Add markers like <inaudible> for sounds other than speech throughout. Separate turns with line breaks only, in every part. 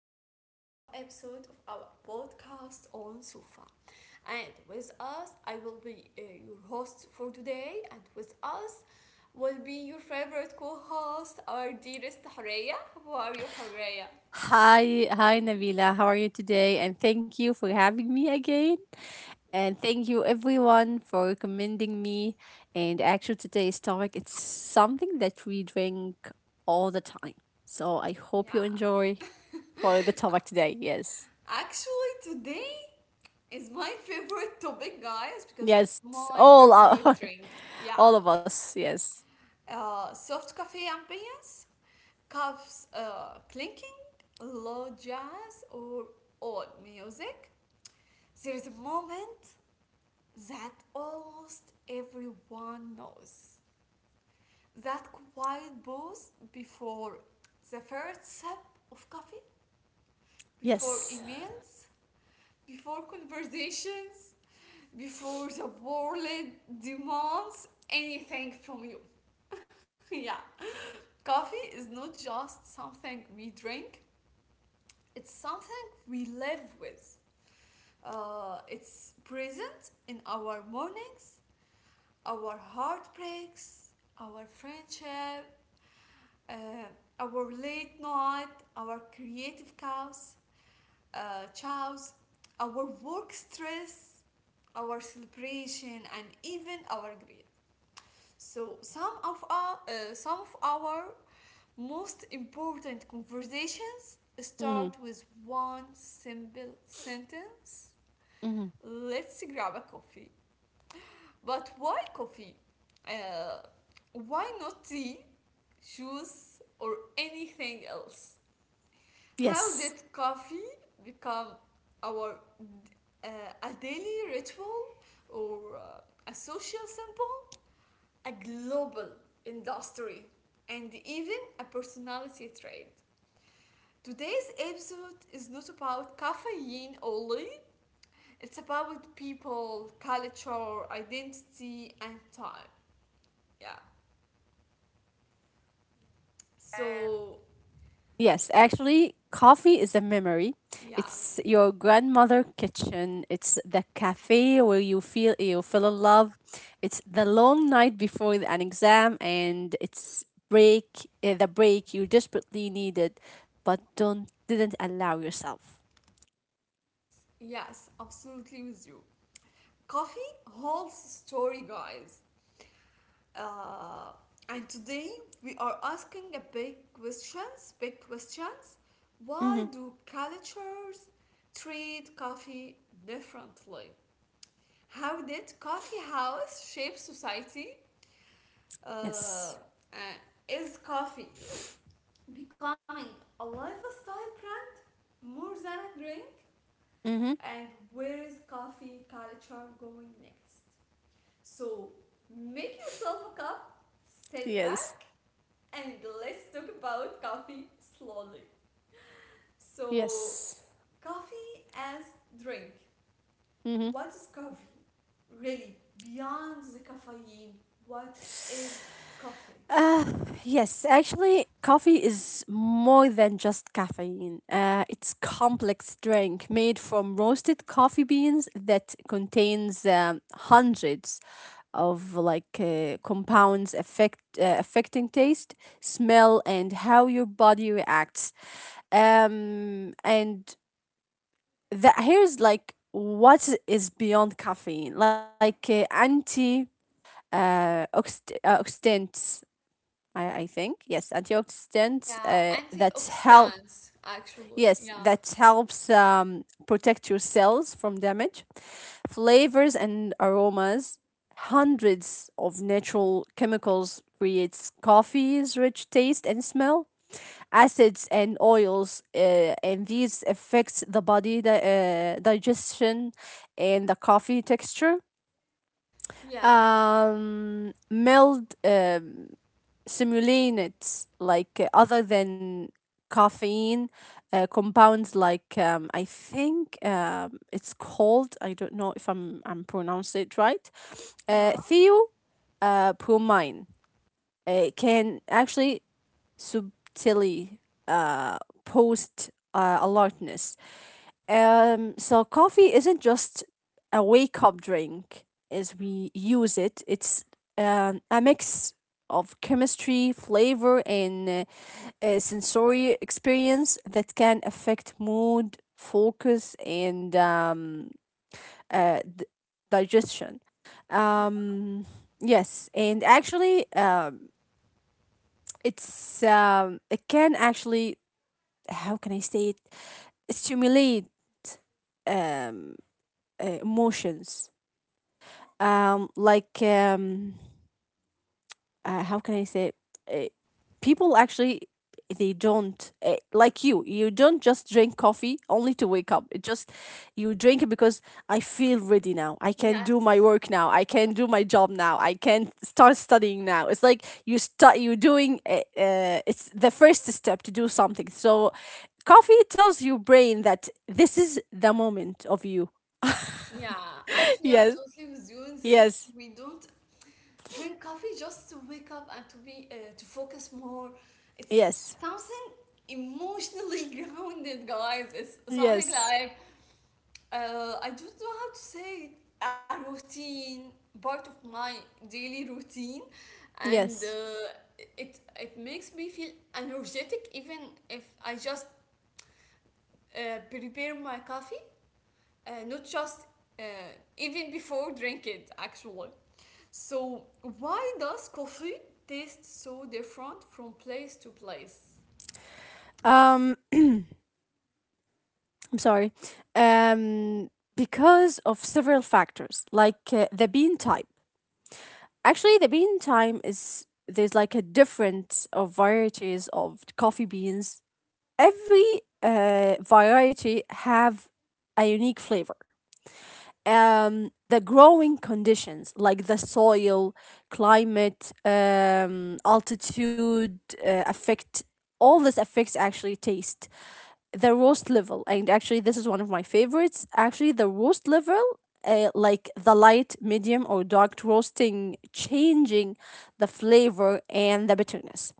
back to a new episode of our podcast on Sufa. And with us, I will be your host for today, and with us will be your favorite co host, our dearest Horea. How are you, Horea?
Hi, hi Nabila. How are you today? And thank you for having me again. And thank you everyone for recommending me. And actually today's topic it's something that we drink all the time. So I
Yeah,
hope you enjoy for the topic today. Yes.
actually, today is my favorite topic, guys, because
Yes.
it's my
All our
favorite drink.
<laughs>
Yeah,
all of us. Yes.
soft cafe ambience, cups clinking, low jazz or old music. There is a moment that almost everyone knows. That quiet pause before the first sip of coffee, before
Yes.
emails, before conversations, before the world demands anything from you. <laughs> Yeah. Coffee is not just something we drink. It's something we live with. It's present in our mornings, our heartbreaks, our friendship, uh, our late night, our creative chaos, chows, our work stress, our celebration, and even our grief. So some of our most important conversations
Mm-hmm.
start with one simple sentence.
Mm-hmm.
Let's grab a coffee. But why coffee? Uh, why not tea, juice, or anything else? How
Yes.
did coffee become our uh, a daily ritual or a social symbol, a global industry, and even a personality trait? Today's episode is not about caffeine only. It's about people, culture, identity, and time. Yeah. So,
Yes, actually, coffee is a memory.
yeah.
It's your grandmother' kitchen. It's the cafe where you feel in love. It's the long night before an exam, and the break you desperately needed, but don't didn't allow yourself.
Yes, absolutely with you. Coffee holds story, guys. Uh, and today we are asking a big questions, big questions. Why
Mm-hmm.
do cultures treat coffee differently? How did coffee house shape society? Uh,
Yes.
uh, is coffee becoming a lifestyle brand more than a drink,
Mm-hmm.
and where is coffee culture going next? So make yourself a cup, sit back,
Yes.
and let's talk about coffee slowly. So
Yes.
coffee as drink,
Mm-hmm.
what is coffee really beyond the caffeine, what is coffee?
Yes, actually, coffee is more than just caffeine. It's complex drink made from roasted coffee beans that contains hundreds of compounds affecting taste, smell, and how your body reacts. And that here's like what is beyond caffeine, anti oxidants, I think, yes, antioxidants
Yeah,
that
antioxidants actually. Yeah,
helps protect your cells from damage. Flavors and aromas, hundreds of natural chemicals creates coffee's rich taste and smell. Acids and oils, and these affects the body digestion and the coffee texture.
yeah,
Mild, simulants like, other than caffeine, compounds like, I think, it's called, I don't know if I'm pronouncing it right,
yeah
theo bromine can actually subtly uh, post alertness. So coffee isn't just a wake up drink as we use it. It's a mix of chemistry, flavor, and a sensory experience that can affect mood, focus, and uh, d- digestion. Um, yes, and actually, it can actually, how can I say it, stimulate um, emotions. Um like how can I say it? Uh, people actually they don't like you don't just drink coffee only to wake up. It just, you drink it because I feel ready now, I can
yeah.
do my work now, I can do my job now, I can start studying now. It's like you start, you are doing, it's the first step to do something. So coffee tells your brain that this is the moment of you.
Yeah,
<laughs>
actually, I'm
Yes.
totally with you in this.
Yes.
We don't drink coffee just to wake up and to be to focus more. It's
Yes.
something emotionally <laughs> grounded, guys. It's something
Yes.
like I don't know how to say it. A routine, part of my daily routine, and
Yes.
it makes me feel energetic even if I just prepare my coffee, not just, uh, even before drink it actually. So why does coffee taste so different from place to place?
Um, I'm sorry. Um, because of several factors, like the bean type. Actually, the bean type is, there's like a difference of varieties of coffee beans. Every variety have a unique flavor. The growing conditions, like the soil, climate, altitude, affect all this affects actually taste. The roast level, and actually this is one of my favorites, actually the roast level, like the light, medium, or dark roasting, changing the flavor and the bitterness.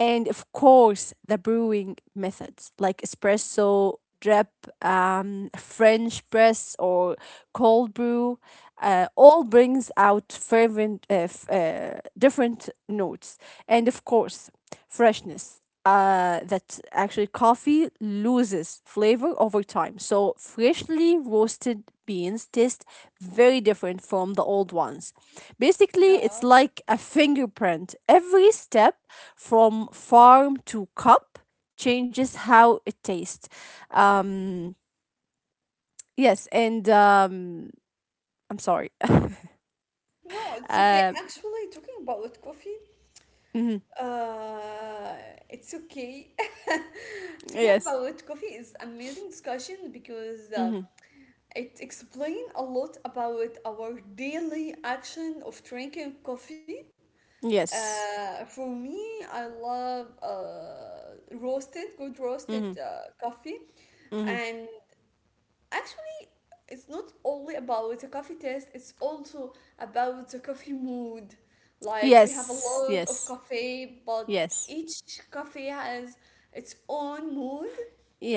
And of course the brewing methods, like espresso, drip, french press, or cold brew, all brings out fervent, different notes, and of course, freshness. That actually coffee loses flavor over time. So freshly roasted beans taste very different from the old ones. Basically, it's
Yeah.
like a fingerprint. Every step from farm to cup changes how it tastes. Um, yes, and I'm sorry. <laughs>
No, it's okay.
Uh,
Actually, talking about coffee,
mhm.
Uh, it's okay. <laughs> Talking
Yes.
about coffee is amazing discussion because
Mm-hmm.
it explains a lot about our daily action of drinking coffee.
Yes.
For me, I love roasted, good roasted
Mm-hmm.
coffee,
Mm-hmm.
and actually, it's not only about the coffee taste, it's also about the coffee mood. Like, we have a
Yes.
lot of
Yes.
coffee, but
Yes.
each coffee has its own mood,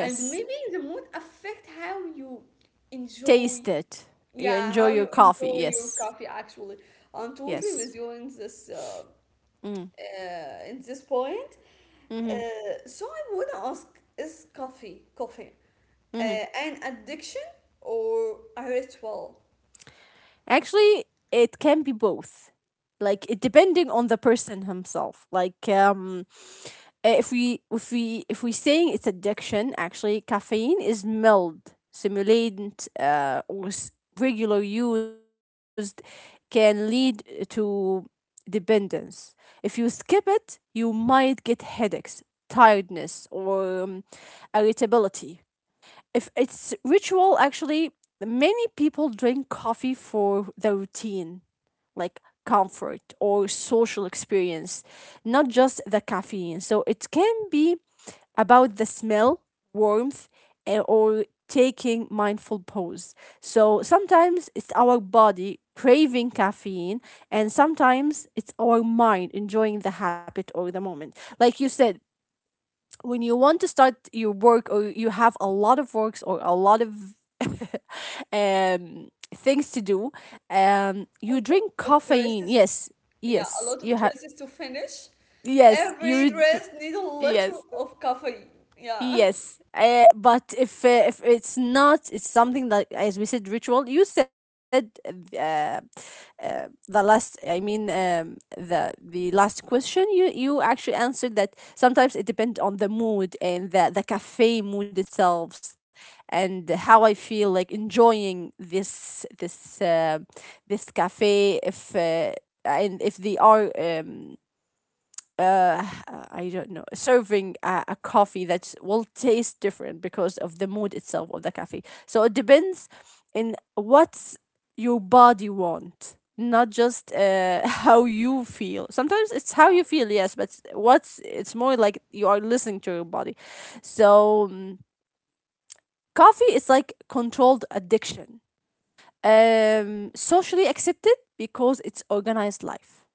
and maybe the mood affect how you enjoy,
Taste it. You
yeah,
enjoy
how
your
you
coffee.
enjoy your
Yes.
coffee actually. I'm totally
Yes.
with you in this uh,
Mm-hmm.
uh, in this point.
Mm-hmm.
So I want to ask, is coffee, uh,
Mm-hmm.
an addiction or a ritual?
Actually, it can be both. Like, it depending on the person himself. If we if we if we're saying it's addiction, actually caffeine is mild stimulant, regular used can lead to dependence. If you skip it, you might get headaches, tiredness, or irritability. If it's ritual, actually many people drink coffee for the routine, like comfort or social experience, not just the caffeine. So it can be about the smell, warmth, or taking mindful pause. So sometimes it's our body craving caffeine, and sometimes it's our mind enjoying the habit or the moment. Like you said, when you want to start your work or you have a lot of works or a lot of <laughs> things to do,
A
you
lot
drink
of
caffeine.
dresses,
Yes,
yeah, a
yes,
lot of
you have.
dresses to finish.
Yes,
Every
you.
dress needs a little
Yes.
of coffee. Yeah,
Yes, but if it's not, it's something that, as we said, ritual. You said, the last. I mean, the last question. You actually answered that sometimes it depends on the mood and the cafe mood itself, and how I feel like enjoying this cafe. If and if they are uh, I don't know, serving a coffee that will taste different because of the mood itself of the coffee. So it depends in what your body want, not just <laughs> how you feel. Sometimes it's how
yeah,
you feel, yes, but what's it's more like you are listening to your body. So, coffee is like controlled addiction, socially accepted because it's organized life.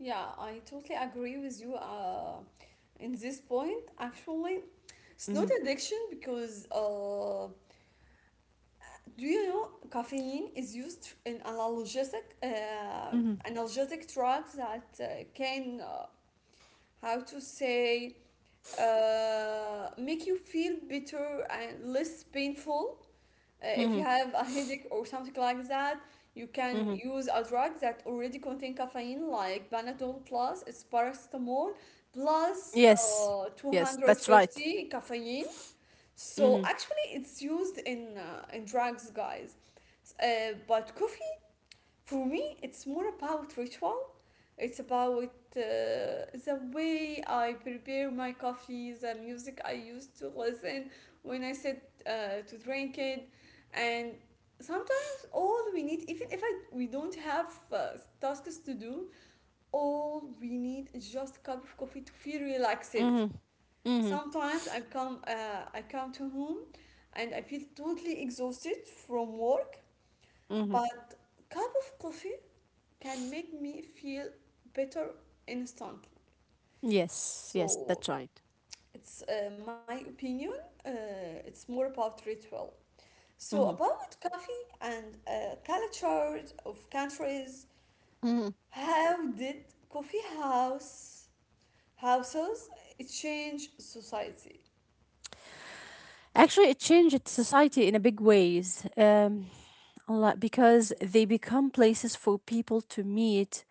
yeah. I totally agree with you. In this point, actually, it's not
Mm-hmm.
addiction because, do you know caffeine is used in analgesic uh,
Mm-hmm.
analgesic drugs that can, how to say, make you feel better and less painful. If you have a headache or something like that, you can
Mm-hmm.
use a drug that already contain caffeine, like Panadol Plus. It's paracetamol plus
Yes, yes, that's right.
250 caffeine. So
Mm-hmm.
actually, it's used in in drugs, guys. But coffee, for me, it's more about ritual. It's about the way I prepare my coffee, the music I used to listen when I said to drink it, and sometimes all we need, even if we don't have tasks to do, all we need is just a cup of coffee to feel relaxed.
Mm-hmm. Mm-hmm.
Sometimes I come to home and I feel totally exhausted from work,
Mm-hmm.
but cup of coffee can make me feel better instantly.
Yes, yes,
So
that's right.
it's my opinion. It's more about ritual. So
Mm-hmm.
about coffee and cultures of countries,
Mm-hmm.
how did coffee house houses change society?
Actually, it changed society in a big ways, a lot, because they become places for people to meet,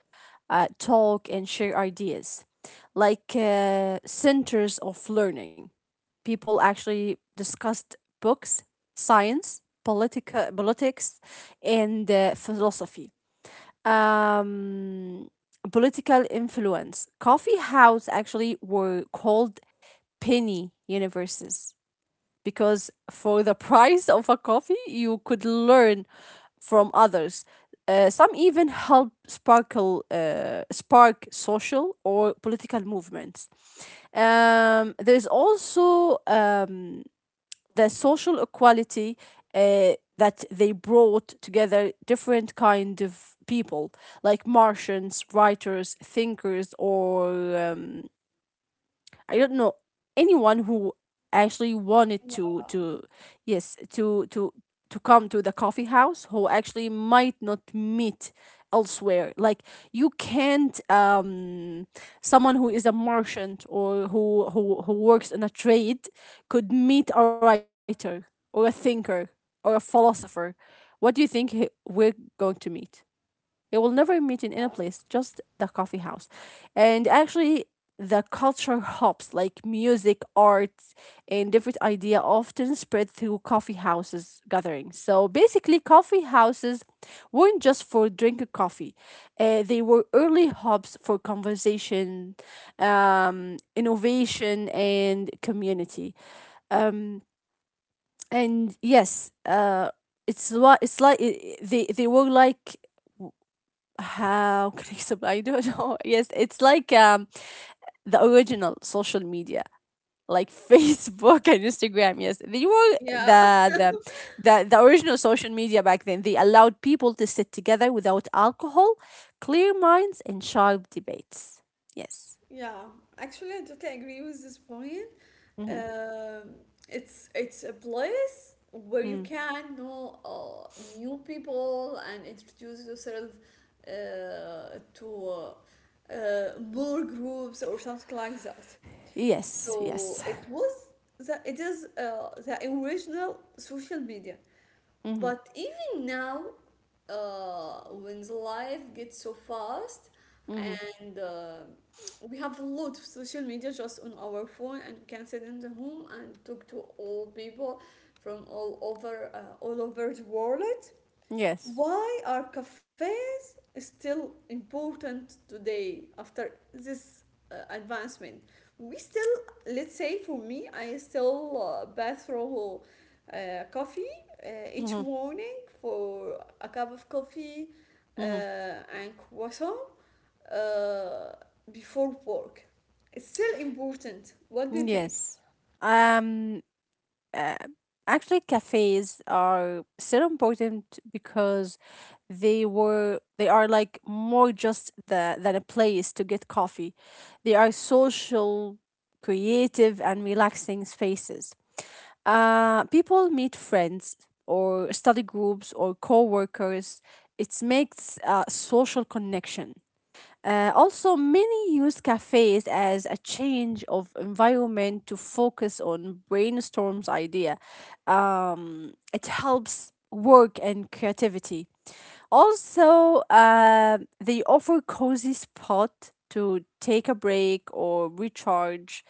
talk, and share ideas, like centers of learning. People actually discussed books, science, politics, and philosophy. um, political influence. Coffee house actually were called penny universes because for the <laughs> price of a coffee, you could learn from others. Some even help spark social or political movements. There's also the social equality, uh, that they brought together different kind of people, like martians, writers, thinkers, or um, I don't know, anyone who actually wanted
Yeah,
to yes, to come to the coffee house, who actually might not meet elsewhere. Like, you can't someone who is a merchant or who works in a trade could meet a writer or a thinker or a philosopher. What do you think, we're going to meet? You will never meet in any
yeah,
place, just the coffee house. And actually, the culture hops like music, arts, and different idea often spread through coffee houses gatherings. So basically, coffee houses weren't just for drinking coffee; they were early hubs for conversation, innovation, and community. Um, and yes, it's what it's like. They were like, how <laughs> can I explain? I don't know. <laughs> Yes, it's like the original social media, like <laughs> Facebook and Instagram. Yes, they were
yeah.
the original social media back then. They allowed people to sit together without alcohol, clear minds, and sharp debates. Yes.
Yeah, actually, I totally agree with this point.
Mm-hmm.
Um, it's a place where
Mm.
you can know new people and introduce yourself to more groups or something like that.
Yes. Yes.
So it was the it is the original social media.
Mm-hmm.
But even now, when the life gets so fast
Mm-hmm.
and, we have a lot of social media just on our phone and we can sit in the home and talk to all people from all over the world.
Yes.
Why are cafes still important today after this advancement? We still, let's say for me, I still bath through uh, coffee
Mm-hmm.
each morning for a cup of coffee and croissant uh, before work. It's still important, what do
Mm-hmm.
you think?
Yes. Um. uh, actually cafes are so important because they are like more just than a place to get coffee. They are social, creative, and relaxing spaces. People meet friends or study groups or co-workers. It makes a social connection. Also, many use cafes as a change of environment to focus on brainstorms idea. It helps work and creativity. Also, they offer cozy spot to take a break or recharge.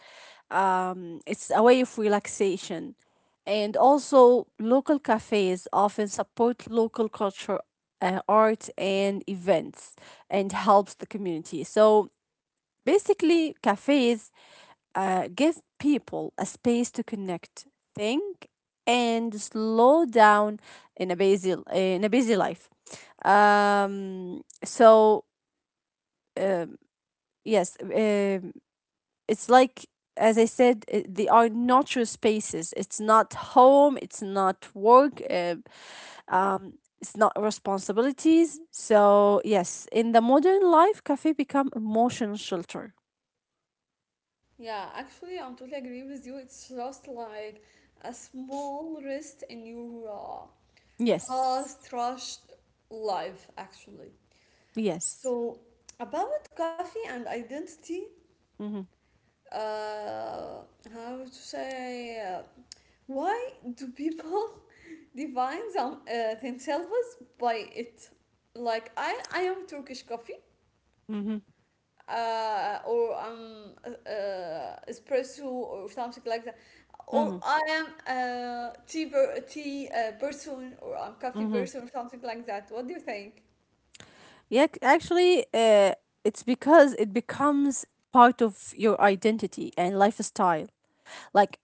It's a way of relaxation. And also, local cafes often support local culture, art, and events, and helps the community. So basically, cafes give people a space to connect, think, and slow down in a busy life. So um, yes, it's like, as I said, they are not your spaces. It's not home. It's not work. Um, it's not responsibilities. So yes, in the modern life, cafe become emotional shelter.
Yeah, actually, I'm totally agree with you. It's just like a small rest in your
Yes,
fast rushed life, actually.
yes.
So, about coffee and identity,
Mm-hmm.
uh, how to say, why do people <laughs> define themselves by it? Like, I am Turkish coffee
Mm-hmm.
or espresso or something like that.
Mm-hmm.
Or I am a tea person, or I'm coffee
Mm-hmm.
person or something like that. What do you think?
Yeah, actually, it's because it becomes part of your identity and lifestyle. Like,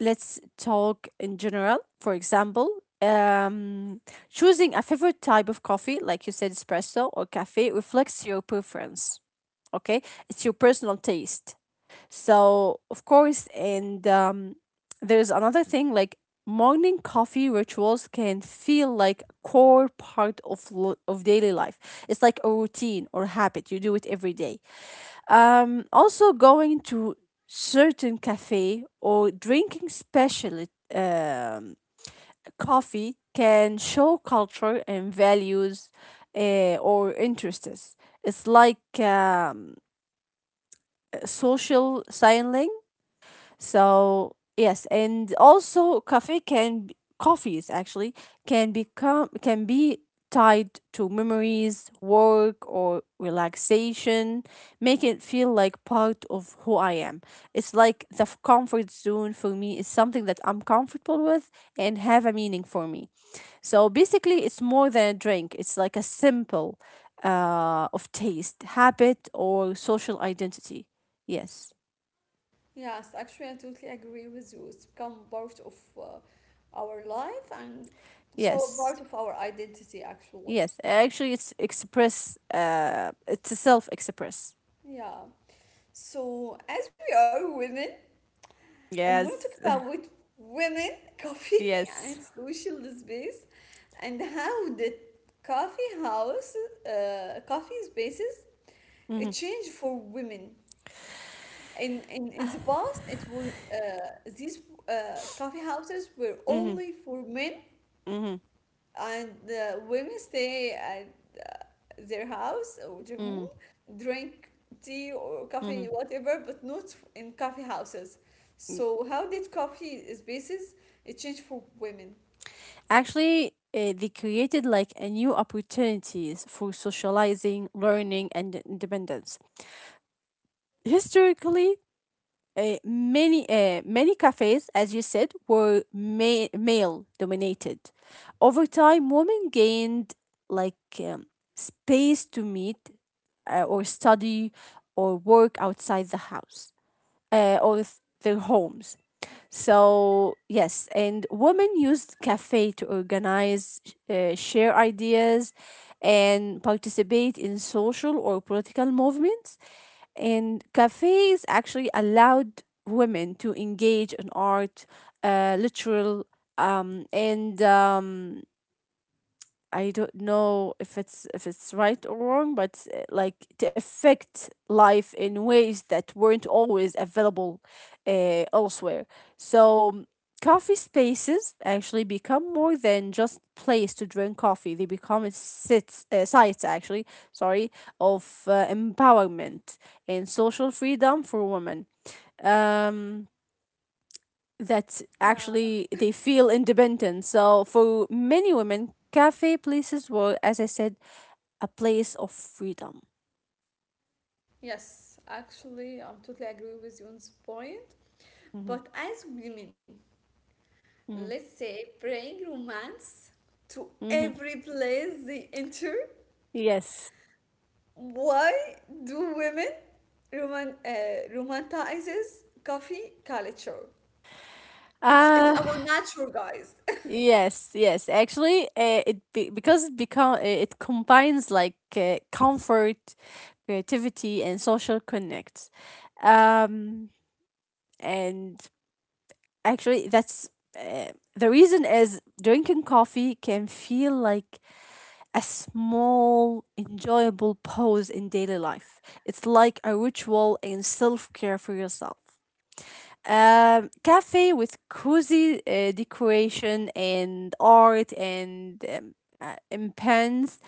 let's talk in general. For example, um, choosing a favorite type of coffee, like you said, espresso or cafe, reflects your preference. Okay, it's your personal taste. So, of course, and there's another thing like morning coffee rituals can feel like core part of daily life. It's like a routine or habit. You do it every day. Also going to certain cafe or drinking special um, coffee can show culture and values or interests. It's like a social signaling. So yes, and also coffees actually can be tied to memories, work, or relaxation, make it feel like part of who I am. It's like the comfort zone for me is something that I'm comfortable with and have a meaning for me. So basically, it's more than a drink. It's like a symbol of taste, habit, or social identity. Yes.
Yes, actually, I totally agree with you. It's become part of our life and so
Yes.
part of our identity, actually.
Yes, actually, it's express. It's a self express.
Yeah. So, as we are women, I want to talk
Yes,
about with women, <laughs>
<laughs>
coffee, and
yes.
social space, and how the coffee house, coffee spaces, it
Mhm,
changed for women. In the past, it was these coffee houses were
mhm,
only for men
mhm,
and the women stay at uh, their house or their home,
mhm,
drink tea or coffee,
mhm.
whatever, but not in coffee houses.
Mm.
So how did coffee spaces it change for women?
Actually, they created like a new opportunities for socializing, learning, and independence. Historically, many cafes, as you said, were male dominated. Over time, women gained like um, space to meet or study or work outside the house or their homes. So, yes, and women used cafe to organize, share ideas, and participate in social or political movements. And cafes actually allowed women to engage in art, literal, and I don't know if it's right or wrong, but like to affect life in ways that weren't always available elsewhere. So coffee spaces actually become more than just place to drink coffee. They become a sites, actually, sorry, of empowerment and social freedom for women. Um, that
Yeah,
actually they feel independent. So for many women, cafe places were, as I said, a place of freedom.
yes, actually, I totally agree with you on this point.
Mm-hmm.
But as women,
Mm-hmm.
let's say bring romance to
Mm-hmm.
every place they enter.
Yes.
Why do women romanticizes coffee culture? It's our
Uh
nature, guys. <laughs>
yes, yes. Actually, because it combines like comfort, creativity, and social connects. Um, and actually, that's The reason is drinking coffee can feel like a small, enjoyable pause in daily life. It's like a ritual and self care for yourself. Cafe with cozy decoration and art and impens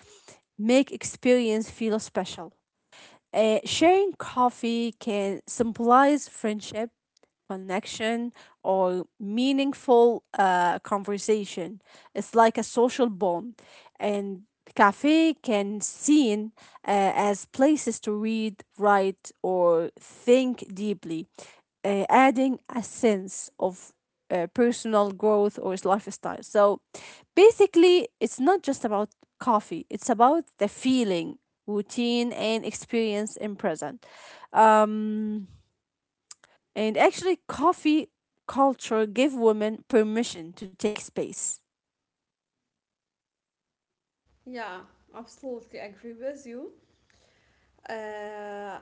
make experience feel special. Sharing coffee can symbolize friendship, connection, or meaningful conversation. It's like a social bond, and cafe can seen as places to read, write, or think deeply, adding a sense of personal growth or his lifestyle. So basically, it's not just about coffee, it's about the feeling, routine, and experience in present. Um, Coffee culture give women permission to take space.
Yeah, absolutely agree with you. Uh,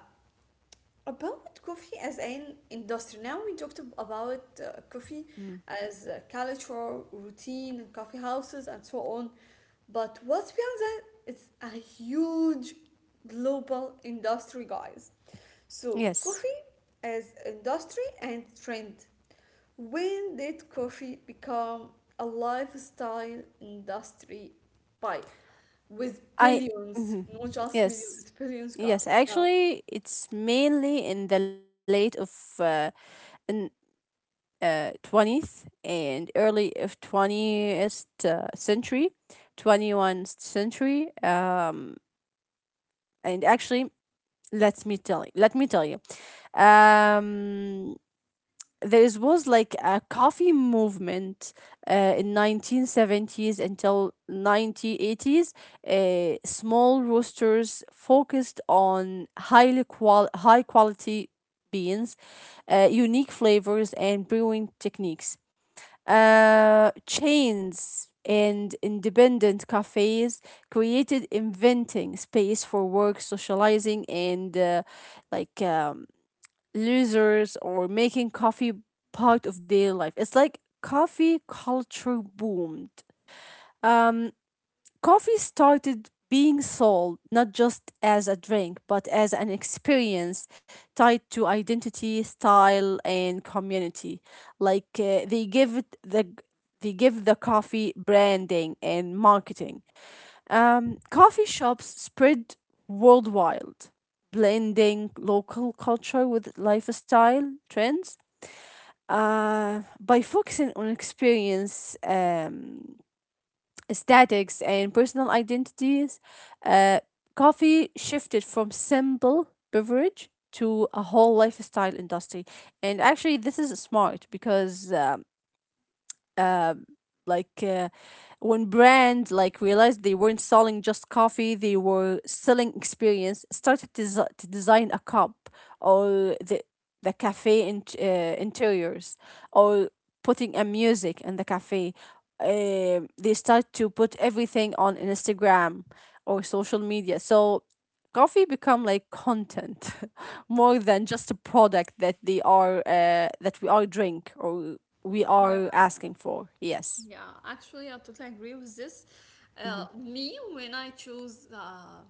About coffee as an industry, now we talked about coffee
Mm.
as a culture, routine, and coffee houses, and so on. But what's beyond that? It's a huge global industry, guys. So,
Yes.
coffee as industry and trend. When did coffee become a lifestyle industry by with
I.
billions,
Mhm.
not just millions,
Yes.
it's billions,
Yes,
guys? Yeah.
actually, it's mainly in the late of uh, in 20th and early of 20th century, 21st century. And actually Let me tell you, um, there was like a coffee movement in 1970s until 1980s. Small roasters focused on high quality beans, unique flavors and brewing techniques. Chains and independent cafes created inventing space for work, socializing, and like um, losers or making coffee part of their life. It's like coffee culture boomed. Um, Coffee started being sold not just as a drink, but as an experience tied to identity, style, and community. Like uh, they give it the they give the coffee branding and marketing. Coffee shops spread worldwide, blending local culture with lifestyle trends. By focusing on experience, aesthetics and personal identities, uh, coffee shifted from simple beverage to a whole lifestyle industry. And actually, this is smart because like uh, when brands like realized they weren't selling just coffee, they were selling experience, started design a cup or the cafe in, interiors or putting a music in the cafe. They start to put everything on Instagram or social media, so coffee become like content <laughs> more than just a product that they are that we are drink or we
Yeah.
are asking for, yes.
Yeah, actually, I totally agree with this.
Mhm.
Me, when I choose,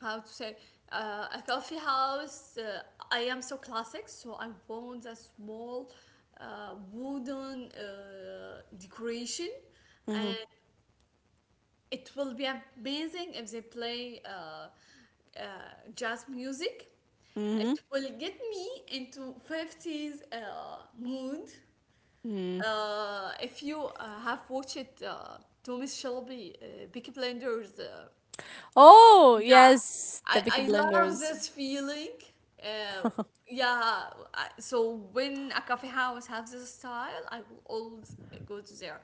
how to say, a coffee house, I am so classic, so I want a small wooden decoration, and
Mhm.
it will be amazing if they play uh, jazz music. It
Mhm.
will get me into '50s mood.
Mm.
If you have watched Thomas Shelby, Peaky Blinders,
Oh,
yeah,
yes, the Vicky
I love
blenders.
this feeling. Uh, yeah, I, so when a coffee house has this style, I will always go to there.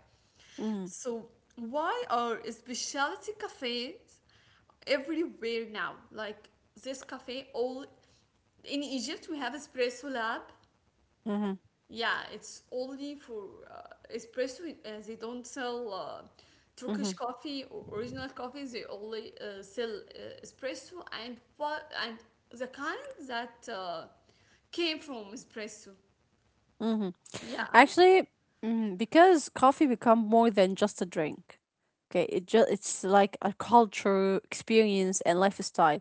Mhm.
So why are specialty cafes everywhere now? Like this cafe, all in Egypt we have espresso lab.
Mhm.
Yeah, it's only for espresso. They don't sell Turkish
Mhm.
coffee or original coffee. They only sell espresso and what and the kind that came from espresso.
Mhm.
Yeah,
Actually, mm, because coffee become more than just a drink. Okay, it's like a culture, experience, and lifestyle,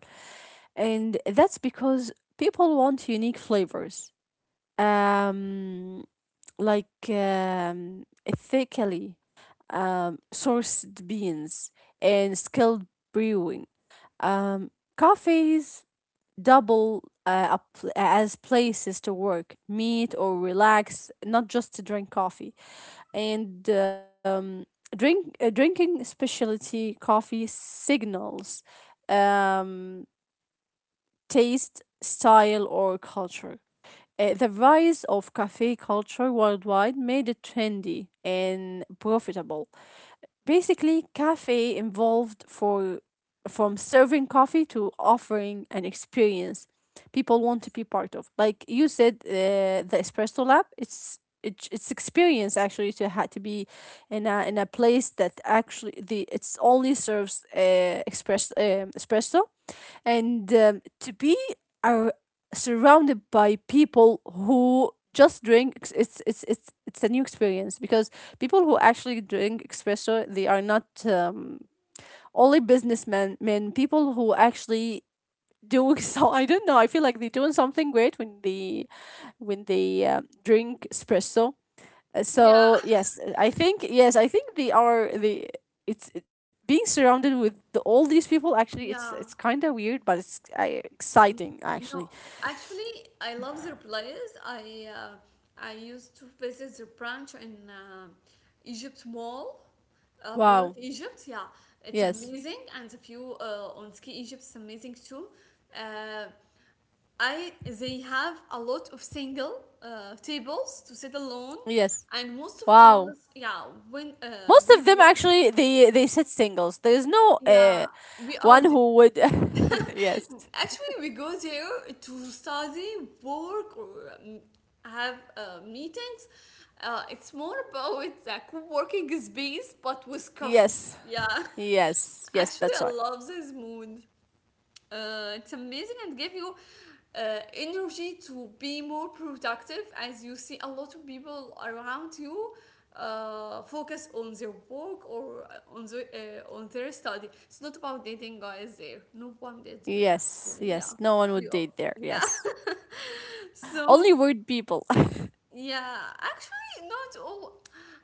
and that's because people want unique flavors. Um, Ethically sourced beans and skilled brewing. Um, Coffees double as places to work, meet or relax, not just to drink coffee. And drinking specialty coffee signals um, taste, style, or culture. The rise of cafe culture worldwide made it trendy and profitable. Basically, cafe involved for from serving coffee to offering an experience people want to be part of. Like you said, the espresso lab. It's experience actually to have to be in a place that actually the it's only serves express espresso and to be ar- surrounded by people who just It's a new experience because people who actually drink espresso, they are not only businessmen men people who actually doing. <laughs> I don't know, I feel like they're doing something great when they drink espresso.
yeah,
So yes, I think, yes, I think they are the being surrounded with all these people. Actually, it's
<laughs>
it's
yeah.
kind of weird, but it's exciting actually.
No, actually, I love their place. I used to visit their branch in Egypt Mall, Mall of
Wow.
Egypt. Yeah, it's
Yes.
amazing, and the view on Ski Egypt is amazing too. Uh, I they have a lot of single tables to sit alone,
Yes.
and most of
Wow.
us, yeah, when
Most
go
of them
there,
actually they said singles. There's no
yeah, we are,
one who would <laughs> yes,
actually, we go there to study, work, or have meetings. It's more about the co-working space, but with coffee.
yes,
Yeah,
yes,
<laughs> actually,
that's
I
right.
love this mood. It's amazing and give you energy to be more productive as you see a lot of people around you focus on their work or on their study. It's not about dating guys there. No one did there,
Yes,
actually. Yeah.
yes, no one would
We all,
date there,
yeah.
yes.
<laughs>
Only
So,
weird people. <laughs>
yeah, actually, not all.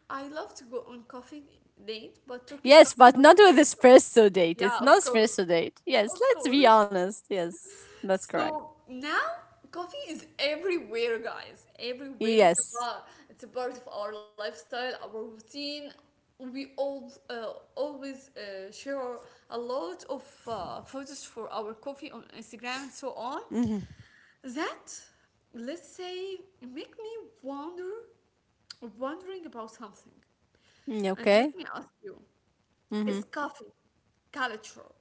I love to go on coffee date, but Turkish
Yes,
coffee,
but
not
not with
espresso.
espresso date.
Yeah,
It's
of
not
course.
espresso date. Yes,
Of
let's be
course.
honest. Yes, that's correct.
So now coffee is everywhere, guys. Everywhere.
Yes.
It's a part of our lifestyle, our routine. We all always share a lot of photos for our coffee on Instagram and so on.
Mm-hmm.
That let's say make me wonder, wondering about something.
Mm,
And let
okay.
me ask you, is
Mm-hmm.
coffee culture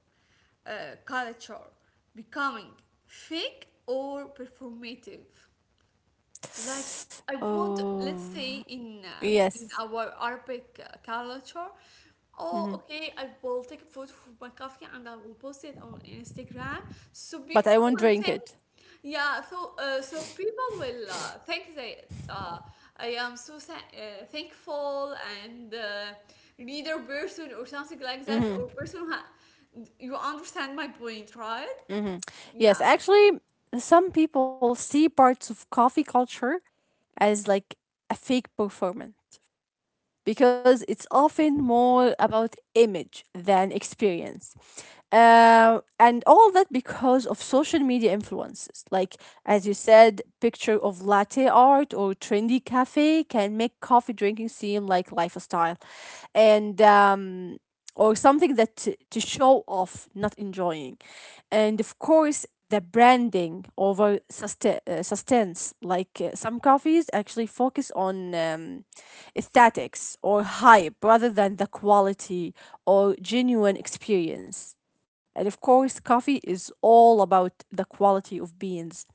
uh, culture becoming fake or performative? Like I want,
Oh,
let's say in in
yes.
our Arabic culture,
Mm-hmm.
oh okay, I will take a photo of my coffee and I will post it on Instagram. So
But I
people
won't
will
drink
think,
it.
yeah. So people will think that I am thankful and leader person or something like that or person. You understand my point, right?
Yes,
Yeah.
actually, some people see parts of coffee culture as like a fake performance, because it's often more about image than experience. And all that because of social media influences. Like, as you said, picture of latte art or trendy cafe can make coffee drinking seem like lifestyle. And, or something that to show off, not enjoying. And of course, the branding over sustenance. Some coffees actually focus on aesthetics or hype rather than the quality or genuine experience. And of course, coffee is all about the quality of beans.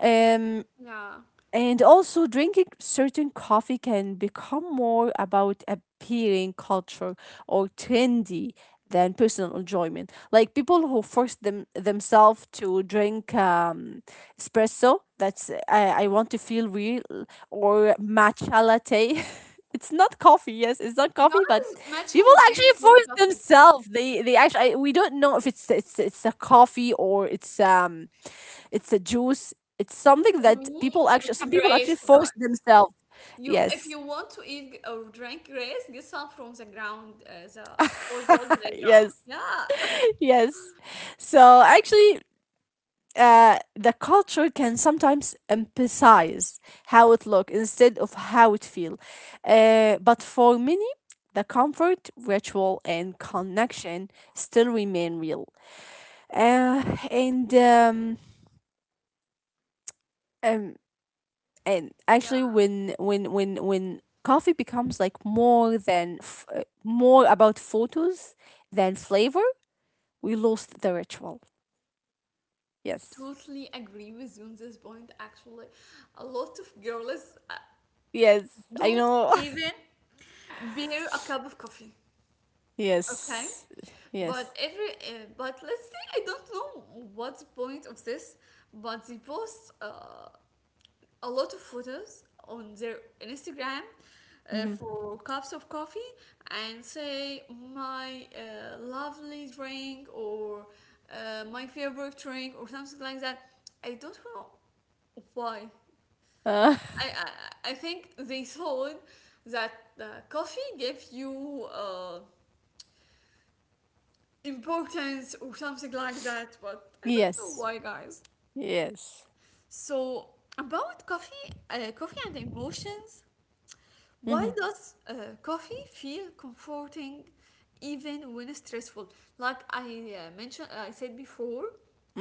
Um,
Yeah.
and also, drinking certain coffee can become more about appearing culture or trendy than personal enjoyment. Like people who force themselves to drink espresso. That's I want to feel real, or matcha latte. <laughs> It's not coffee. Yes, it's not coffee, but
Guys, matcha
people
latte
actually
is not
force
coffee.
themselves. We don't know if it's it's a coffee or it's a juice. It's something
For
that
me,
people actually
it's
some people actually
grace,
force
guys.
themselves.
You, if
Yes.
you want to eat or drink grace, get some from the ground, the football
<laughs>
playground.
Yes.
Yeah,
Yes. So actually, the culture can sometimes emphasize how it look instead of how it feel. But for many, the comfort, ritual, and connection still remain real. Uh, and um, um, and
<laughs>
actually,
yeah.
when coffee becomes like more about photos than flavor, we lost the ritual, yes,
Totally agree with you on this point. Actually, a lot of girls
yes, I
don't
know.
even bear a cup of coffee.
<laughs>
Okay,
Yes,
but
yes.
but let's say I don't know what's the point of this, but the post. A lot of photos on their Instagram
Mm-hmm.
for cups of coffee and say my lovely drink or my favorite drink or something like that. I don't know why.
uh,
I, I think they thought that coffee gives you importance or something like that, but
<laughs>
I don't know
yes,
why, guys.
yes.
So about coffee and emotions. Why
Mm-hmm.
does coffee feel comforting even when stressful? Like I mentioned, I said before,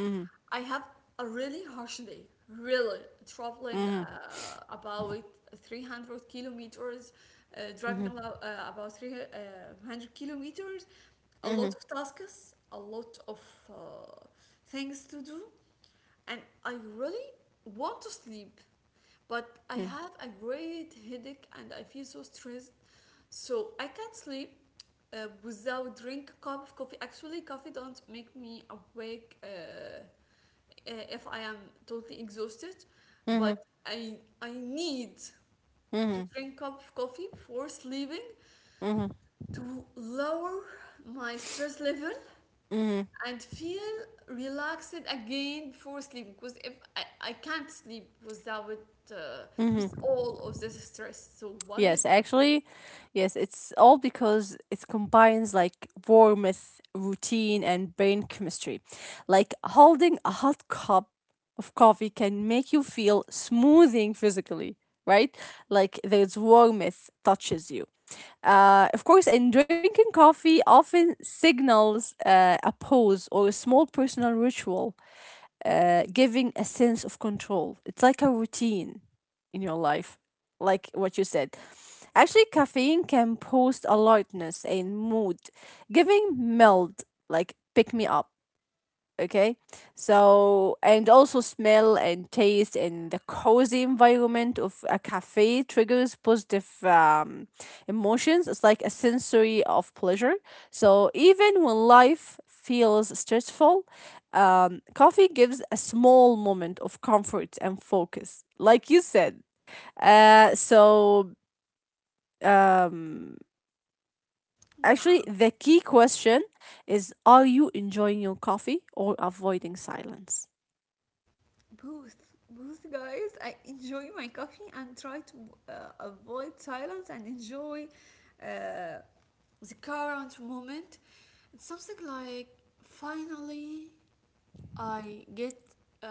Mm-hmm.
I have a really harsh day, really traveling
Mm-hmm.
about 300 kilometers, driving
Mm-hmm.
about 300 kilometers, a lot
Mm-hmm.
of tasks, a lot of uh, things to do, and I really want to sleep, but I
Mm-hmm.
have a great headache and I feel so stressed. So I can't sleep without drink a cup of coffee. Actually, coffee don't make me awake if I am totally exhausted,
Mm-hmm.
but I need to
Mm-hmm.
drink a cup of coffee before sleeping to lower my stress level
Mm-hmm.
and feel relaxed again before sleep because if I, I can't sleep without uh, with all of this stress. So what do
Yes,
you think?
actually, yes, it's all because it combines like warmth, routine, and brain chemistry. Like holding a hot cup of coffee can make you feel smoothing physically, right? Like there's warmth touches you. Of course, and drinking coffee often signals a pause or a small personal ritual, giving a sense of control. It's like a routine in your life, like what you said. Actually, caffeine can boost alertness and mood, giving mild, like pick me up. Okay, so and also smell and taste and the cozy environment of a cafe triggers positive emotions. It's like a sensory of pleasure. So even when life feels stressful, coffee gives a small moment of comfort and focus, like you said. Uh, so um Actually,
Yeah,
the key question is, are you enjoying your coffee or avoiding silence?
both. Both, guys, I enjoy my coffee and try to uh, avoid silence and enjoy uh, The current moment, it's something like finally I get uh,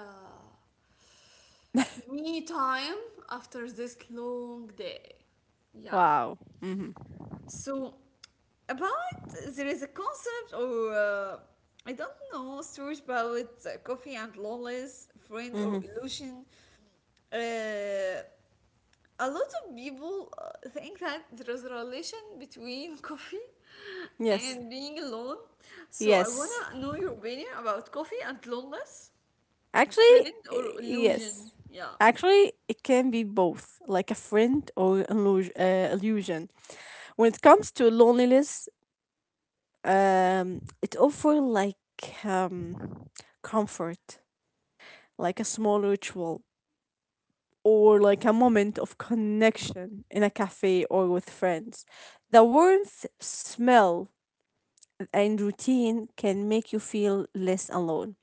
me time after this long day. Yeah.
Wow. Mm-hmm.
So, about there is a concept or I don't know stories about coffee and loneliness, friend or
Mm-hmm.
illusion. Uh, a lot of people think that there is a relation between <laughs> coffee
Yes.
and being alone. So I
Yes.
wanna know your opinion about coffee and loneliness,
Actually,
friend or illusion.
yes.
Yeah.
Actually, it can be both, like a friend or illusion. Illusion. When it comes to loneliness, it offers like comfort, like a small ritual or like a moment of connection in a cafe or with friends. The warmth, smell, and routine can make you feel less alone.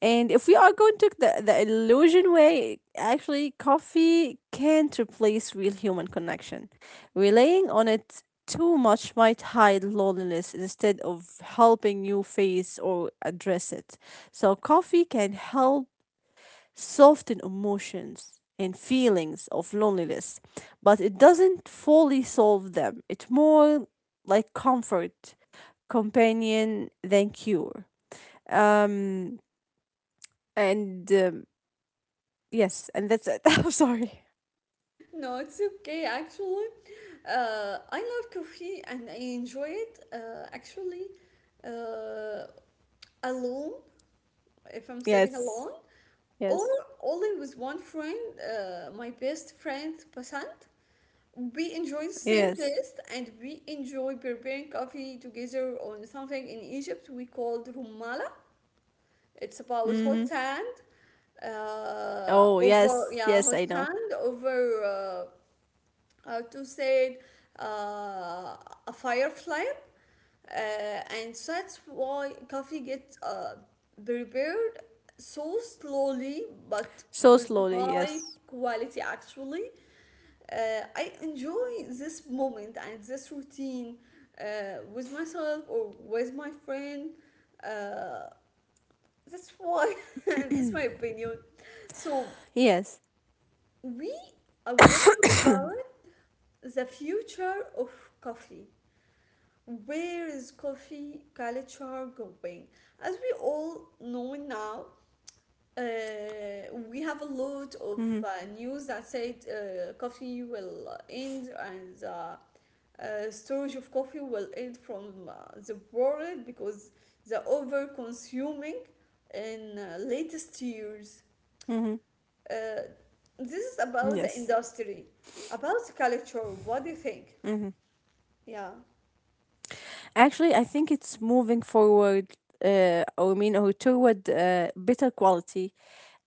And if we are going to the illusion way, actually, coffee can't replace real human connection. Relying on it too much might hide loneliness instead of helping you face or address it. So, coffee can help soften emotions and feelings of loneliness, but it doesn't fully solve them. It's more like comfort, companion than cure. Um, and Yes, and that's it. <laughs> I'm sorry.
No, it's okay, actually. I love coffee and I enjoy it actually, uh, alone, if I'm sitting
Yes,
alone, or
yes,
only with one friend, my best friend Pasant. We enjoy the same
yes.
taste and we enjoy preparing coffee together on something in Egypt we called rumala. It's about hot
Mm-hmm.
sand
Oh,
over,
yes,
yeah,
yes, I
hot
know.
sand over. Uh, how to say, uh, a firefly, and that's why coffee gets prepared so slowly but
So
with
slowly,
high
yes,
quality, actually. I enjoy this moment and this routine with myself or with my friend, uh, that's why <laughs> that's my opinion. so
yes.
we i want to talk about the future of coffee. Where is coffee culture going? As we all know now, we have a lot
Mm-hmm.
of news that said coffee will end and storage of coffee will end from the world because the over consuming in latest years.
Mm-hmm.
Uh, this is about the
Yes.
industry, about the culture. What do you think? Yeah.
Actually, I think it's moving forward, or toward better quality,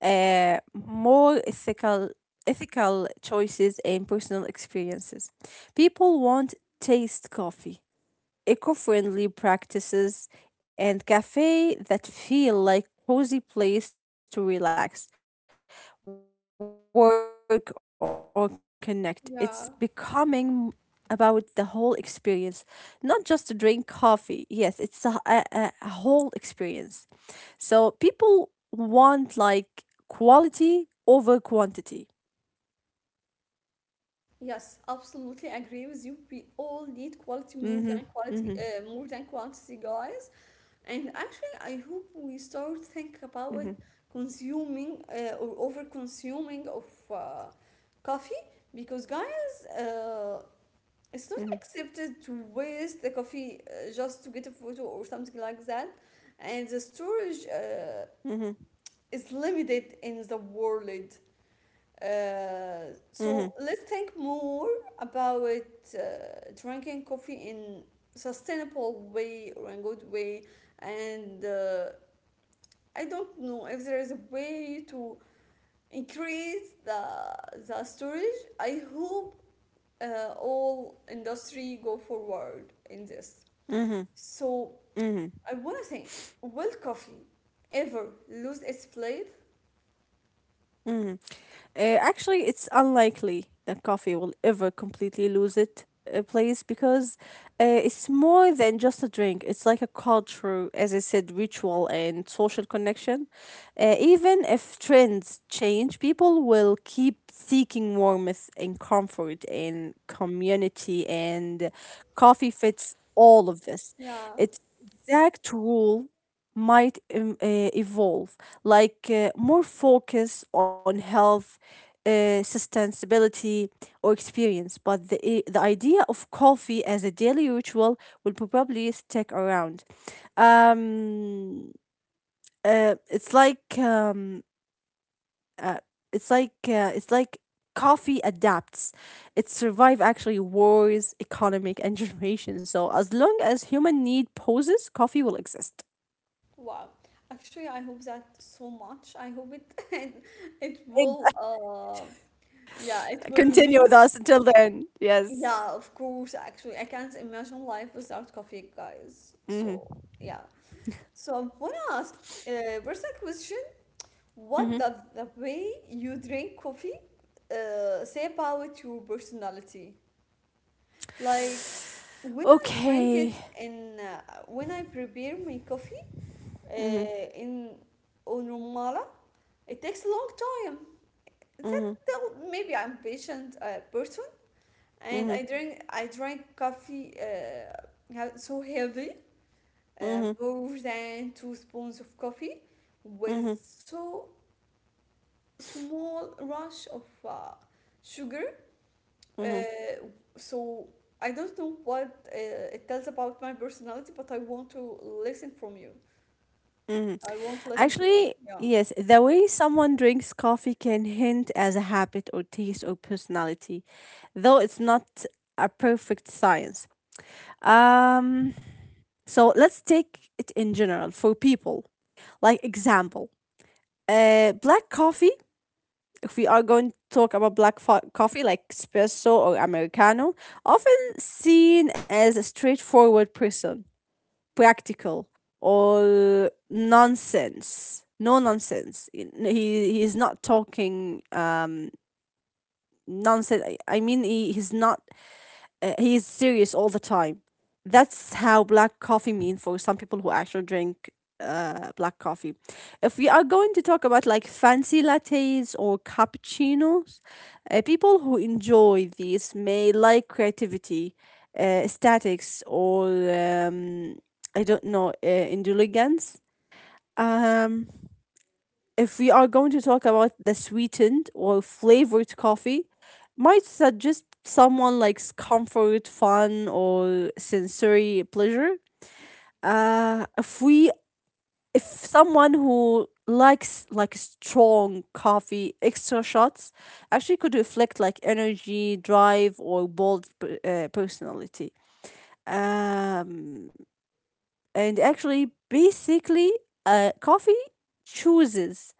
uh, more ethical, ethical choices and personal experiences. People want taste coffee, eco friendly practices, and cafe that feel like cozy place to relax, work, or connect. It's becoming about the whole
Yeah.
experience, not just to drink coffee. Yes, it's a whole experience. So people want like quality over quantity. Yes.
Yes, absolutely agree with you. We all need
Mm-hmm. Mm-hmm.
quality, more than quantity, guys. And actually, I hope we start think
Mm-hmm.
about it, consuming or over consuming of coffee because, guys, it's not accepted to waste the coffee just to get a photo or something like that, and the storage
Mm-hmm.
is limited in the world.
Mm-hmm. Mm-hmm.
So let's think more about uh, drinking coffee in sustainable way or in good way, and I don't know if there is a way to increase the storage. I hope all industry go forward in this.
Mm-hmm.
So
Mm-hmm.
I want to think, will coffee ever lose its place?
Mm-hmm. Actually, it's unlikely that coffee will ever completely lose its place, because it's more than just a drink. It's like a culture, as I said, ritual and social connection. Even if trends change, people will keep seeking warmth and comfort and community, and coffee fits all of this.
Yeah.
Its exact role might evolve, like more focus on health, sustainability, or experience. But the idea of coffee as a daily ritual will probably stick around. Um, it's like uh, it's like coffee adapts. It survived actually wars, economic, and <laughs> generation. So as long as human need poses, coffee will exist.
Wow. Actually, I hope that so much. I hope it <laughs> it it will, yeah, it will
Continue
remain.
with us until then. Yes.
Yeah, of course, actually. I can't imagine life without coffee, guys.
Hmm.
So, yeah. So I wanna ask personal question. What
Hmm.
does the way you drink coffee say about your personality? Like when I drink
Okay.
it in uh, when I prepare my coffee
Hmm.
in on It takes a long time. That
Hmm.
tell maybe I'm patient person. And
Hmm.
I drink coffee so heavy,
Hmm.
more than 2 spoons of coffee, with
Hmm.
so small rush of sugar.
Hmm.
Uh, so I don't know what it tells about my personality, but I want to listen from you. I want to listen to you.
Actually,
Yeah.
yes, the way someone drinks coffee can hint as a habit or taste or personality, though it's not a perfect science. Um, so let's take it in general for people. Like example, black coffee, if we are going to talk about coffee like espresso or americano, often seen as a straightforward person, practical or nonsense. No nonsense. He is not talking um nonsense. I mean, he's not, he is serious all the time. That's how black coffee mean for some people who actually drink black coffee. If we are going to talk about like fancy lattes or cappuccinos, people who enjoy these may like creativity, statics, or I don't know, indulgence. Um, if we are going to talk about the sweetened or flavored coffee, might suggest someone likes comfort, fun, or sensory pleasure. Uh, if we, if someone who likes like strong coffee, extra shots actually could reflect like energy, drive, or personality. Um, and actually, basically, coffee chooses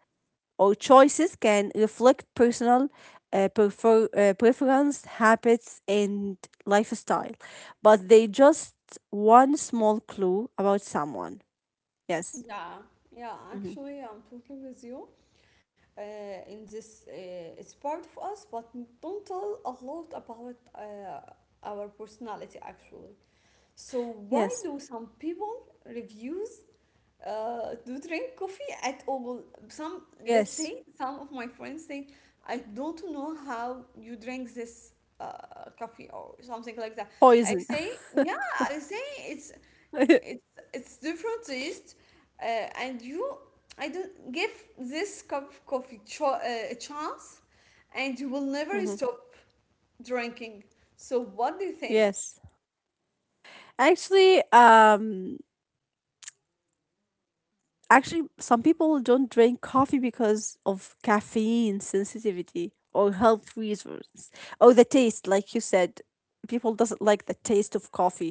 or choices can reflect personal preference, habits, and lifestyle, but they just one small clue about someone. Yes.
Yeah, yeah,
Mhm.
actually, I'm totally with you. Uh, in this, it's part of us, but don't tell a lot about our personality, actually. So, why
Yes.
do some people refuse to drink coffee at all? Some, let's say,
Yes.
some of my friends say, I don't know how you drink this coffee or something like that. I
Poison.
say, yeah, I say it's
<laughs>
it's different taste, and you I don't give this cup of coffee a chance, and you will never stop drinking. So what do you think?
Yes. Actually, um, Actually, some people don't drink coffee because of caffeine sensitivity or health reasons or the taste, like you said. People doesn't like the taste of coffee,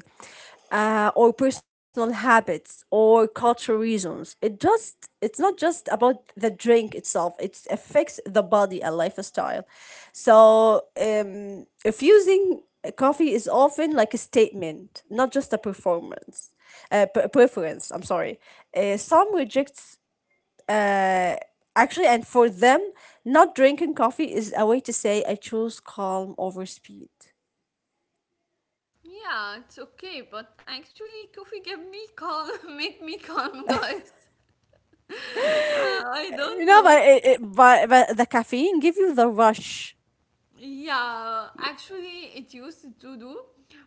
or personal habits or cultural reasons. It just it's not just about the drink itself. It affects the body and lifestyle. So refusing coffee is often like a statement, not just a preference. I'm sorry. Some rejects uh, actually, and for them, not drinking coffee is a way to say I choose calm over speed.
Yeah, it's okay, but actually, coffee gave me calm, <laughs> make me calm, guys. <laughs> I don't
You know,
know.
but it, but the caffeine give you the rush.
Yeah, actually, it used to do,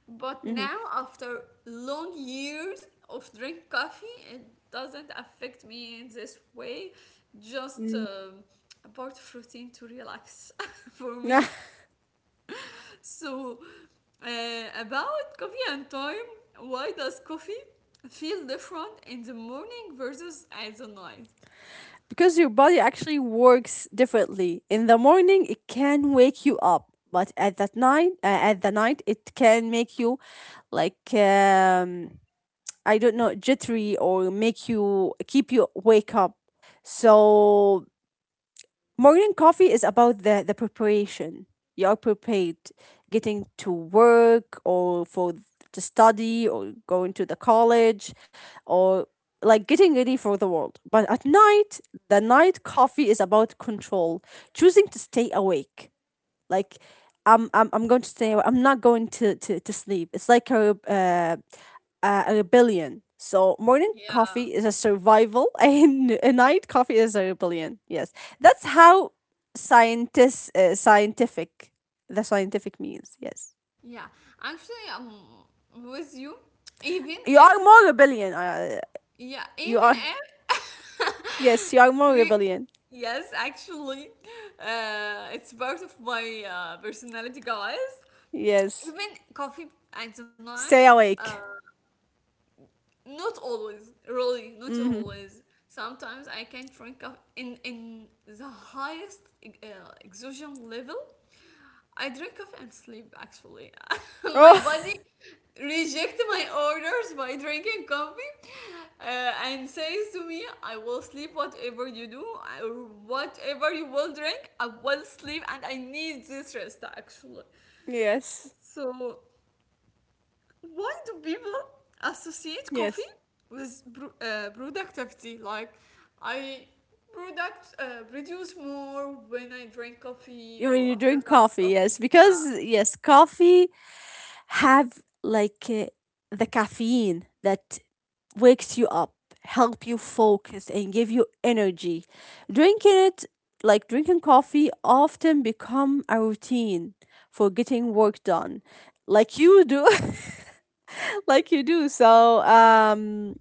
but
Mhm.
now after long years of drink coffee, it doesn't affect me in this way. Just
Mm.
about routine to relax <laughs> for
Nah,
me.
<laughs>
So, about coffee and time, why does coffee feel different in the morning versus at the night?
because your body actually works differently. In the morning, it can wake you up, but at that night, at the night, it can make you like I don't know, jittery or make you keep you wake up. So morning coffee is about the preparation. You are prepared getting to work or for to study or going to the college or like getting ready for the world. But at night, the night coffee is about control, choosing to stay awake like I'm going to stay. I'm not going to sleep. It's like a rebellion. So morning
Yeah,
coffee is a survival, <laughs> and a night coffee is a rebellion. Yes, that's how scientists scientific the scientific means. Yes,
yeah. Actually, I'm with you. Even
you are
if.
more rebellion.
Yeah,
You
even
are
if.
Yes, you are
<laughs>
more
Three-
rebellion.
yes, actually, it's part of my personality, guys.
Yes,
Even coffee at the night,
stay awake.
not always, really, not
Hmm.
always. Sometimes I can drink up in the highest exhaustion level. I drink coffee and sleep, actually. <laughs> My
Oh.
body reject my orders by drinking coffee, and says to me, I will sleep whatever you do. Or whatever you will drink, I will sleep, and I need this rest, actually.
<laughs> Yes,
So why do people associate coffee
yes.
with productivity? Like, I product produce more when I drink coffee
You mean
or
you
after a
drink
cup of
coffee? Yes,
coffee. Yeah.
because yes, coffee have like the caffeine that wakes you up, help you focus and give you energy. Drinking it like Drinking coffee often become a routine for getting work done like you do, <laughs> like you do. So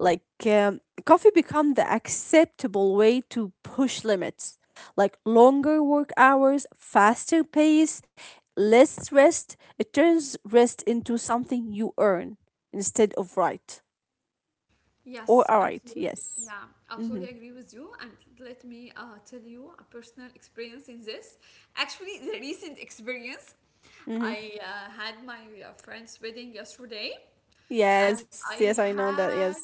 like, um, coffee become the acceptable way to push limits, like longer work hours, faster pace, less rest. It turns rest into something you earn instead of right
Yes,
or all right.
absolutely.
Yes.
Yeah,
Mm-hmm.
absolutely agree with you. And let me tell you a personal experience in this. Actually, the recent experience,
Mm-hmm.
I had my friend's wedding yesterday, and
Yes. Yes, I
I
know that. Yes.
had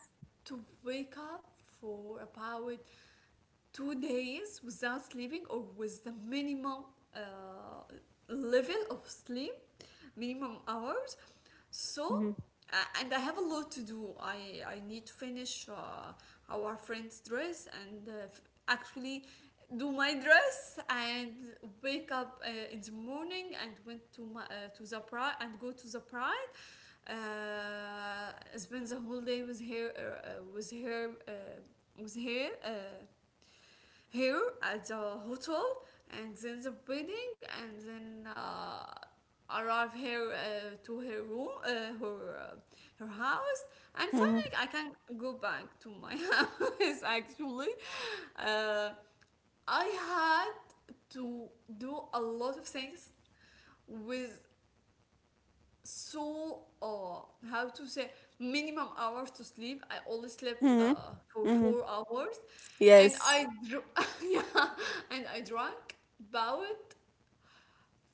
to wake up for about 2 days without sleeping or with the minimum uh, level of sleep, minimum hours. So,
Mm-hmm.
and I have a lot to do. I need to finish our friend's dress and actually do my dress and wake up in the morning and went to to the pride and go to the pride, uh, spend the whole day with her, with her uh, here at the hotel, and then the wedding, and then arrive here to her room, her uh, her house, and finally
Mm-hmm.
I can go back to my <laughs> house, actually. uh, I had to do a lot of things with, so how to say, minimum hours to sleep. I only slept
Mm-hmm.
for
Mm-hmm.
4 hours and
Yes.
<laughs> yeah, and I drank about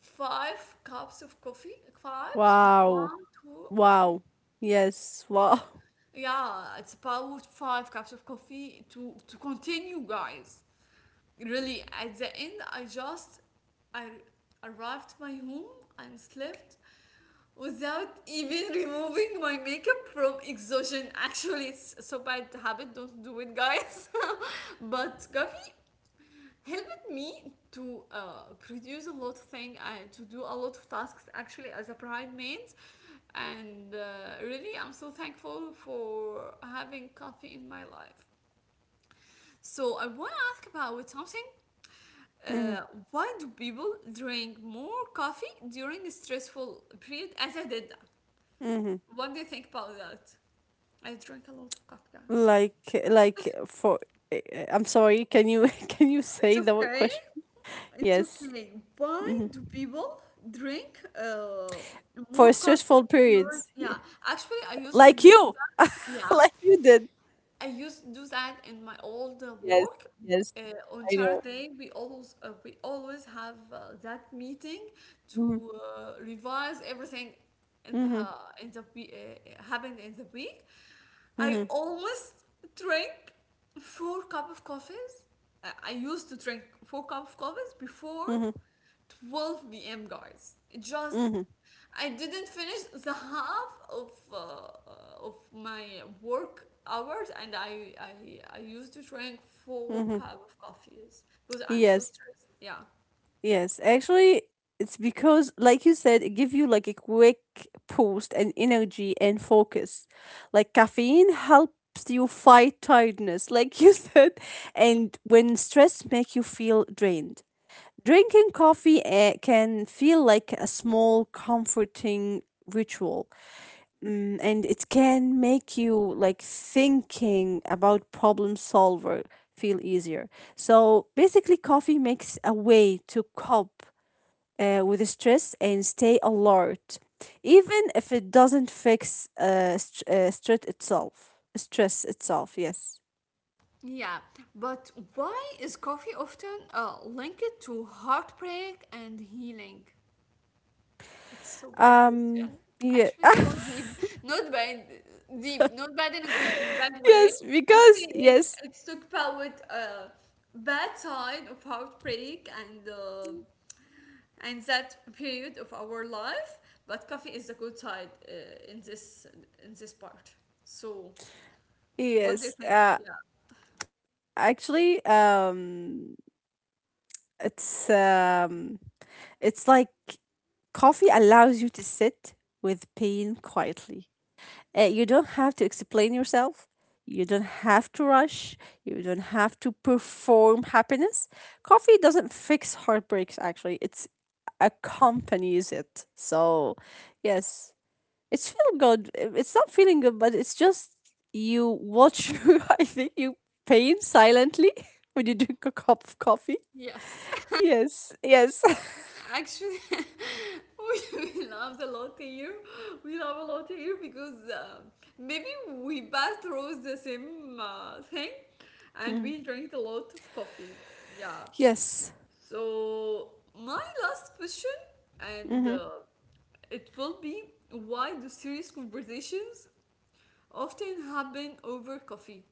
5 cups of coffee cups,
Wow.
one, two, three,
Wow. Yes. Wow.
four.
<laughs>
Yeah, it's about 5 cups of coffee to continue, guys. Really, at the end, I arrived my home and slept without even removing my makeup from exhaustion. Actually, it's so bad habit. Don't do it, guys. <laughs> But Gavi helped me to produce a lot of things and to do a lot of tasks, actually, as a bride maid. And really, I'm so thankful for having coffee in my life. So I want to ask about something.
Mm-hmm.
Uh, why do people drink more coffee during a stressful period, as I did that?
Mm-hmm.
What do you think about that? I drink a lot of coffee, guys.
Like like for I'm sorry, can you <laughs> can you
It's
say the word
okay.
question?
It's
Yes.
okay. Why
Hmm.
do people drink
For
more coffee
stressful
during?
periods. Yeah.
Yeah, actually, I used to
Like
do
you.
that.
<laughs>
Yeah,
Like you did.
I used to do that in my old
Yes.
work.
Yes,
On
I know.
Saturday, we always have that meeting
Mm-hmm.
to revise everything in the
Mm-hmm.
in the happened in the week. I
Mm-hmm.
almost drank 4 cup of coffees. I used to drink 4 cup of coffees before
Mm-hmm.
12 p.m., guys. It Just
Mm-hmm.
I didn't finish the half of my work hours, and I used to drink four
Mm-hmm.
cup of coffees because I'm so
Yes.
stressed. Yeah.
Yes, actually, it's because, like you said, it give you like a quick boost and energy and focus. Like caffeine helps you fight tiredness, like you <laughs> said, and when stress make you feel drained. Drinking coffee can feel like a small comforting ritual, mm, and it can make you like thinking about problem solver feel easier. So basically, coffee makes a way to cope with stress and stay alert, even if it doesn't fix stress itself. Stress itself, yes.
Yeah, but why is coffee often linked to heartbreak and healing? It's so bad
Um,
question.
yeah,
Actually, it's so
<laughs>
deep. Not bad, deep. Not bad in a good, bad way.
yes,
Actually,
because
it's
yes,
it's talk about bad side of heartbreak and that period of our life. But coffee is the good side in this part. So, what do you
yes.
think? Yeah.
Actually, um, it's it's like coffee allows you to sit with pain quietly. You don't have to explain yourself. You don't have to rush. You don't have to perform happiness. Coffee doesn't fix heartbreaks, actually, it's accompanies it. So, yes, it's feel good. It's not feeling good, but it's just you watch, <laughs> I think you pain silently <laughs> when you drink a cup of coffee.
Yes.
Yes, yes. <laughs>
Actually, <laughs> we laughed a lot here. We laugh a lot here because maybe we both rose the same thing and we
Mm.
drank a lot of coffee. Yeah.
Yes.
So, my last question, and
Mm-hmm.
it will be, why do serious conversations often happen over coffee?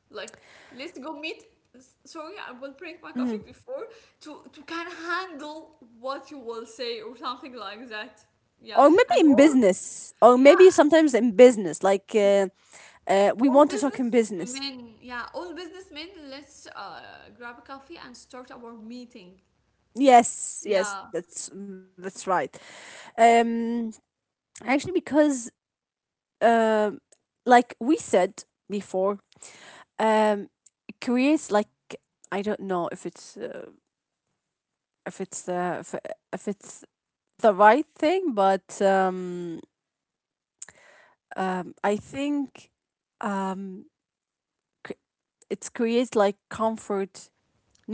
Like, let's go meet, sorry, I will drink my coffee
Mm-hmm.
before to can handle what you will say or something like that. Yeah,
Or maybe
and
in
all,
business, or
yeah,
maybe sometimes in business like we
all
want to talk in business.
businessmen, yeah, all businessmen, let's grab a coffee and start our meeting.
Yes, yes,
Yeah,
that's right. um Actually, because uh, like we said before, um it creates like, I don't know if it's if it's uh, if, if it's the right thing, but I think cr- it's creates like comfort,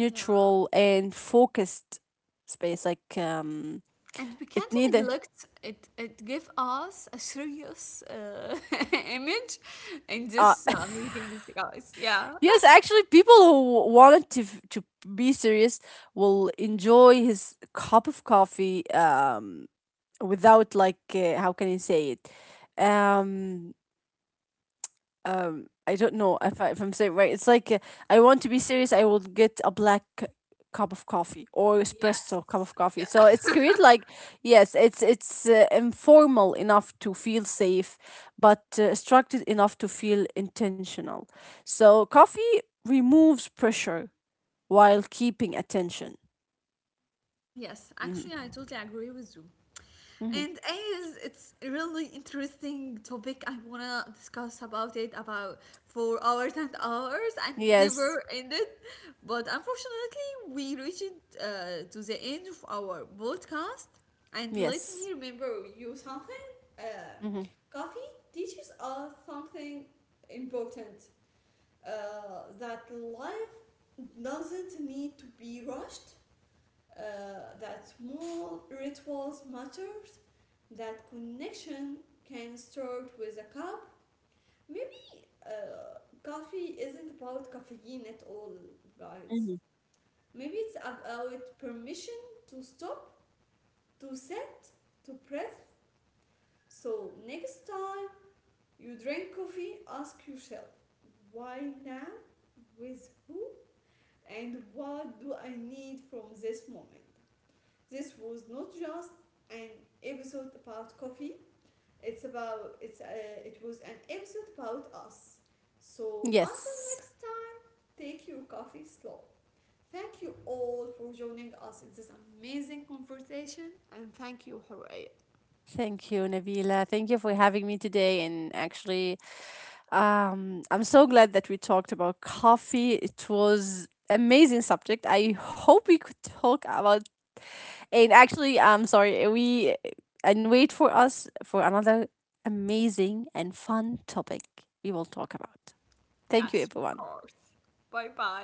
yeah,
and focused space like um.
and we
It
can't
neither.
neglect it. It give us a serious <laughs> image in
Uh,
this meetings, guys. Yeah.
<laughs> yes, actually, people who wanted to to be serious will enjoy his cup of coffee without like how can you say it, um I don't know if, if I'm saying right. It's like I want to be serious. I will get a cup of coffee or espresso cup
Yes.
of coffee. So
Yeah.
it's create like, yes, it's informal enough to feel safe, but structured enough to feel intentional. So coffee removes pressure while keeping attention.
Yes, actually,
Hmm.
I totally agree with you.
Hmm.
And as it's a really interesting topic, I wanna discuss about it about for hours and hours and never
Yes.
ended. But unfortunately, we reached to the end of our podcast. And let me
Yes.
remember you something. Uh,
Hmm.
Coffee teaches us something important, uh, that life doesn't need to be rushed, that small rituals matters, that connection can start with a cup. Maybe coffee isn't about caffeine at all, guys.
Hmm.
Maybe it's about permission to stop, to sit, to breathe. So next time you drink coffee, ask yourself, why now? With who? And what do I need from this moment? This was not just an episode about coffee. It was an episode about us. So until
Yes.
next time, take your coffee slow. Thank you all for joining us in this amazing conversation, and thank you, Horea.
Thank you, Navila. Thank you for having me today, and actually I'm so glad that we talked about coffee. It was amazing subject. I hope we could talk about, and actually I'm sorry, we and wait for us for another amazing and fun topic we will talk about. Thank you
Yes, of
everyone.
course. Bye bye.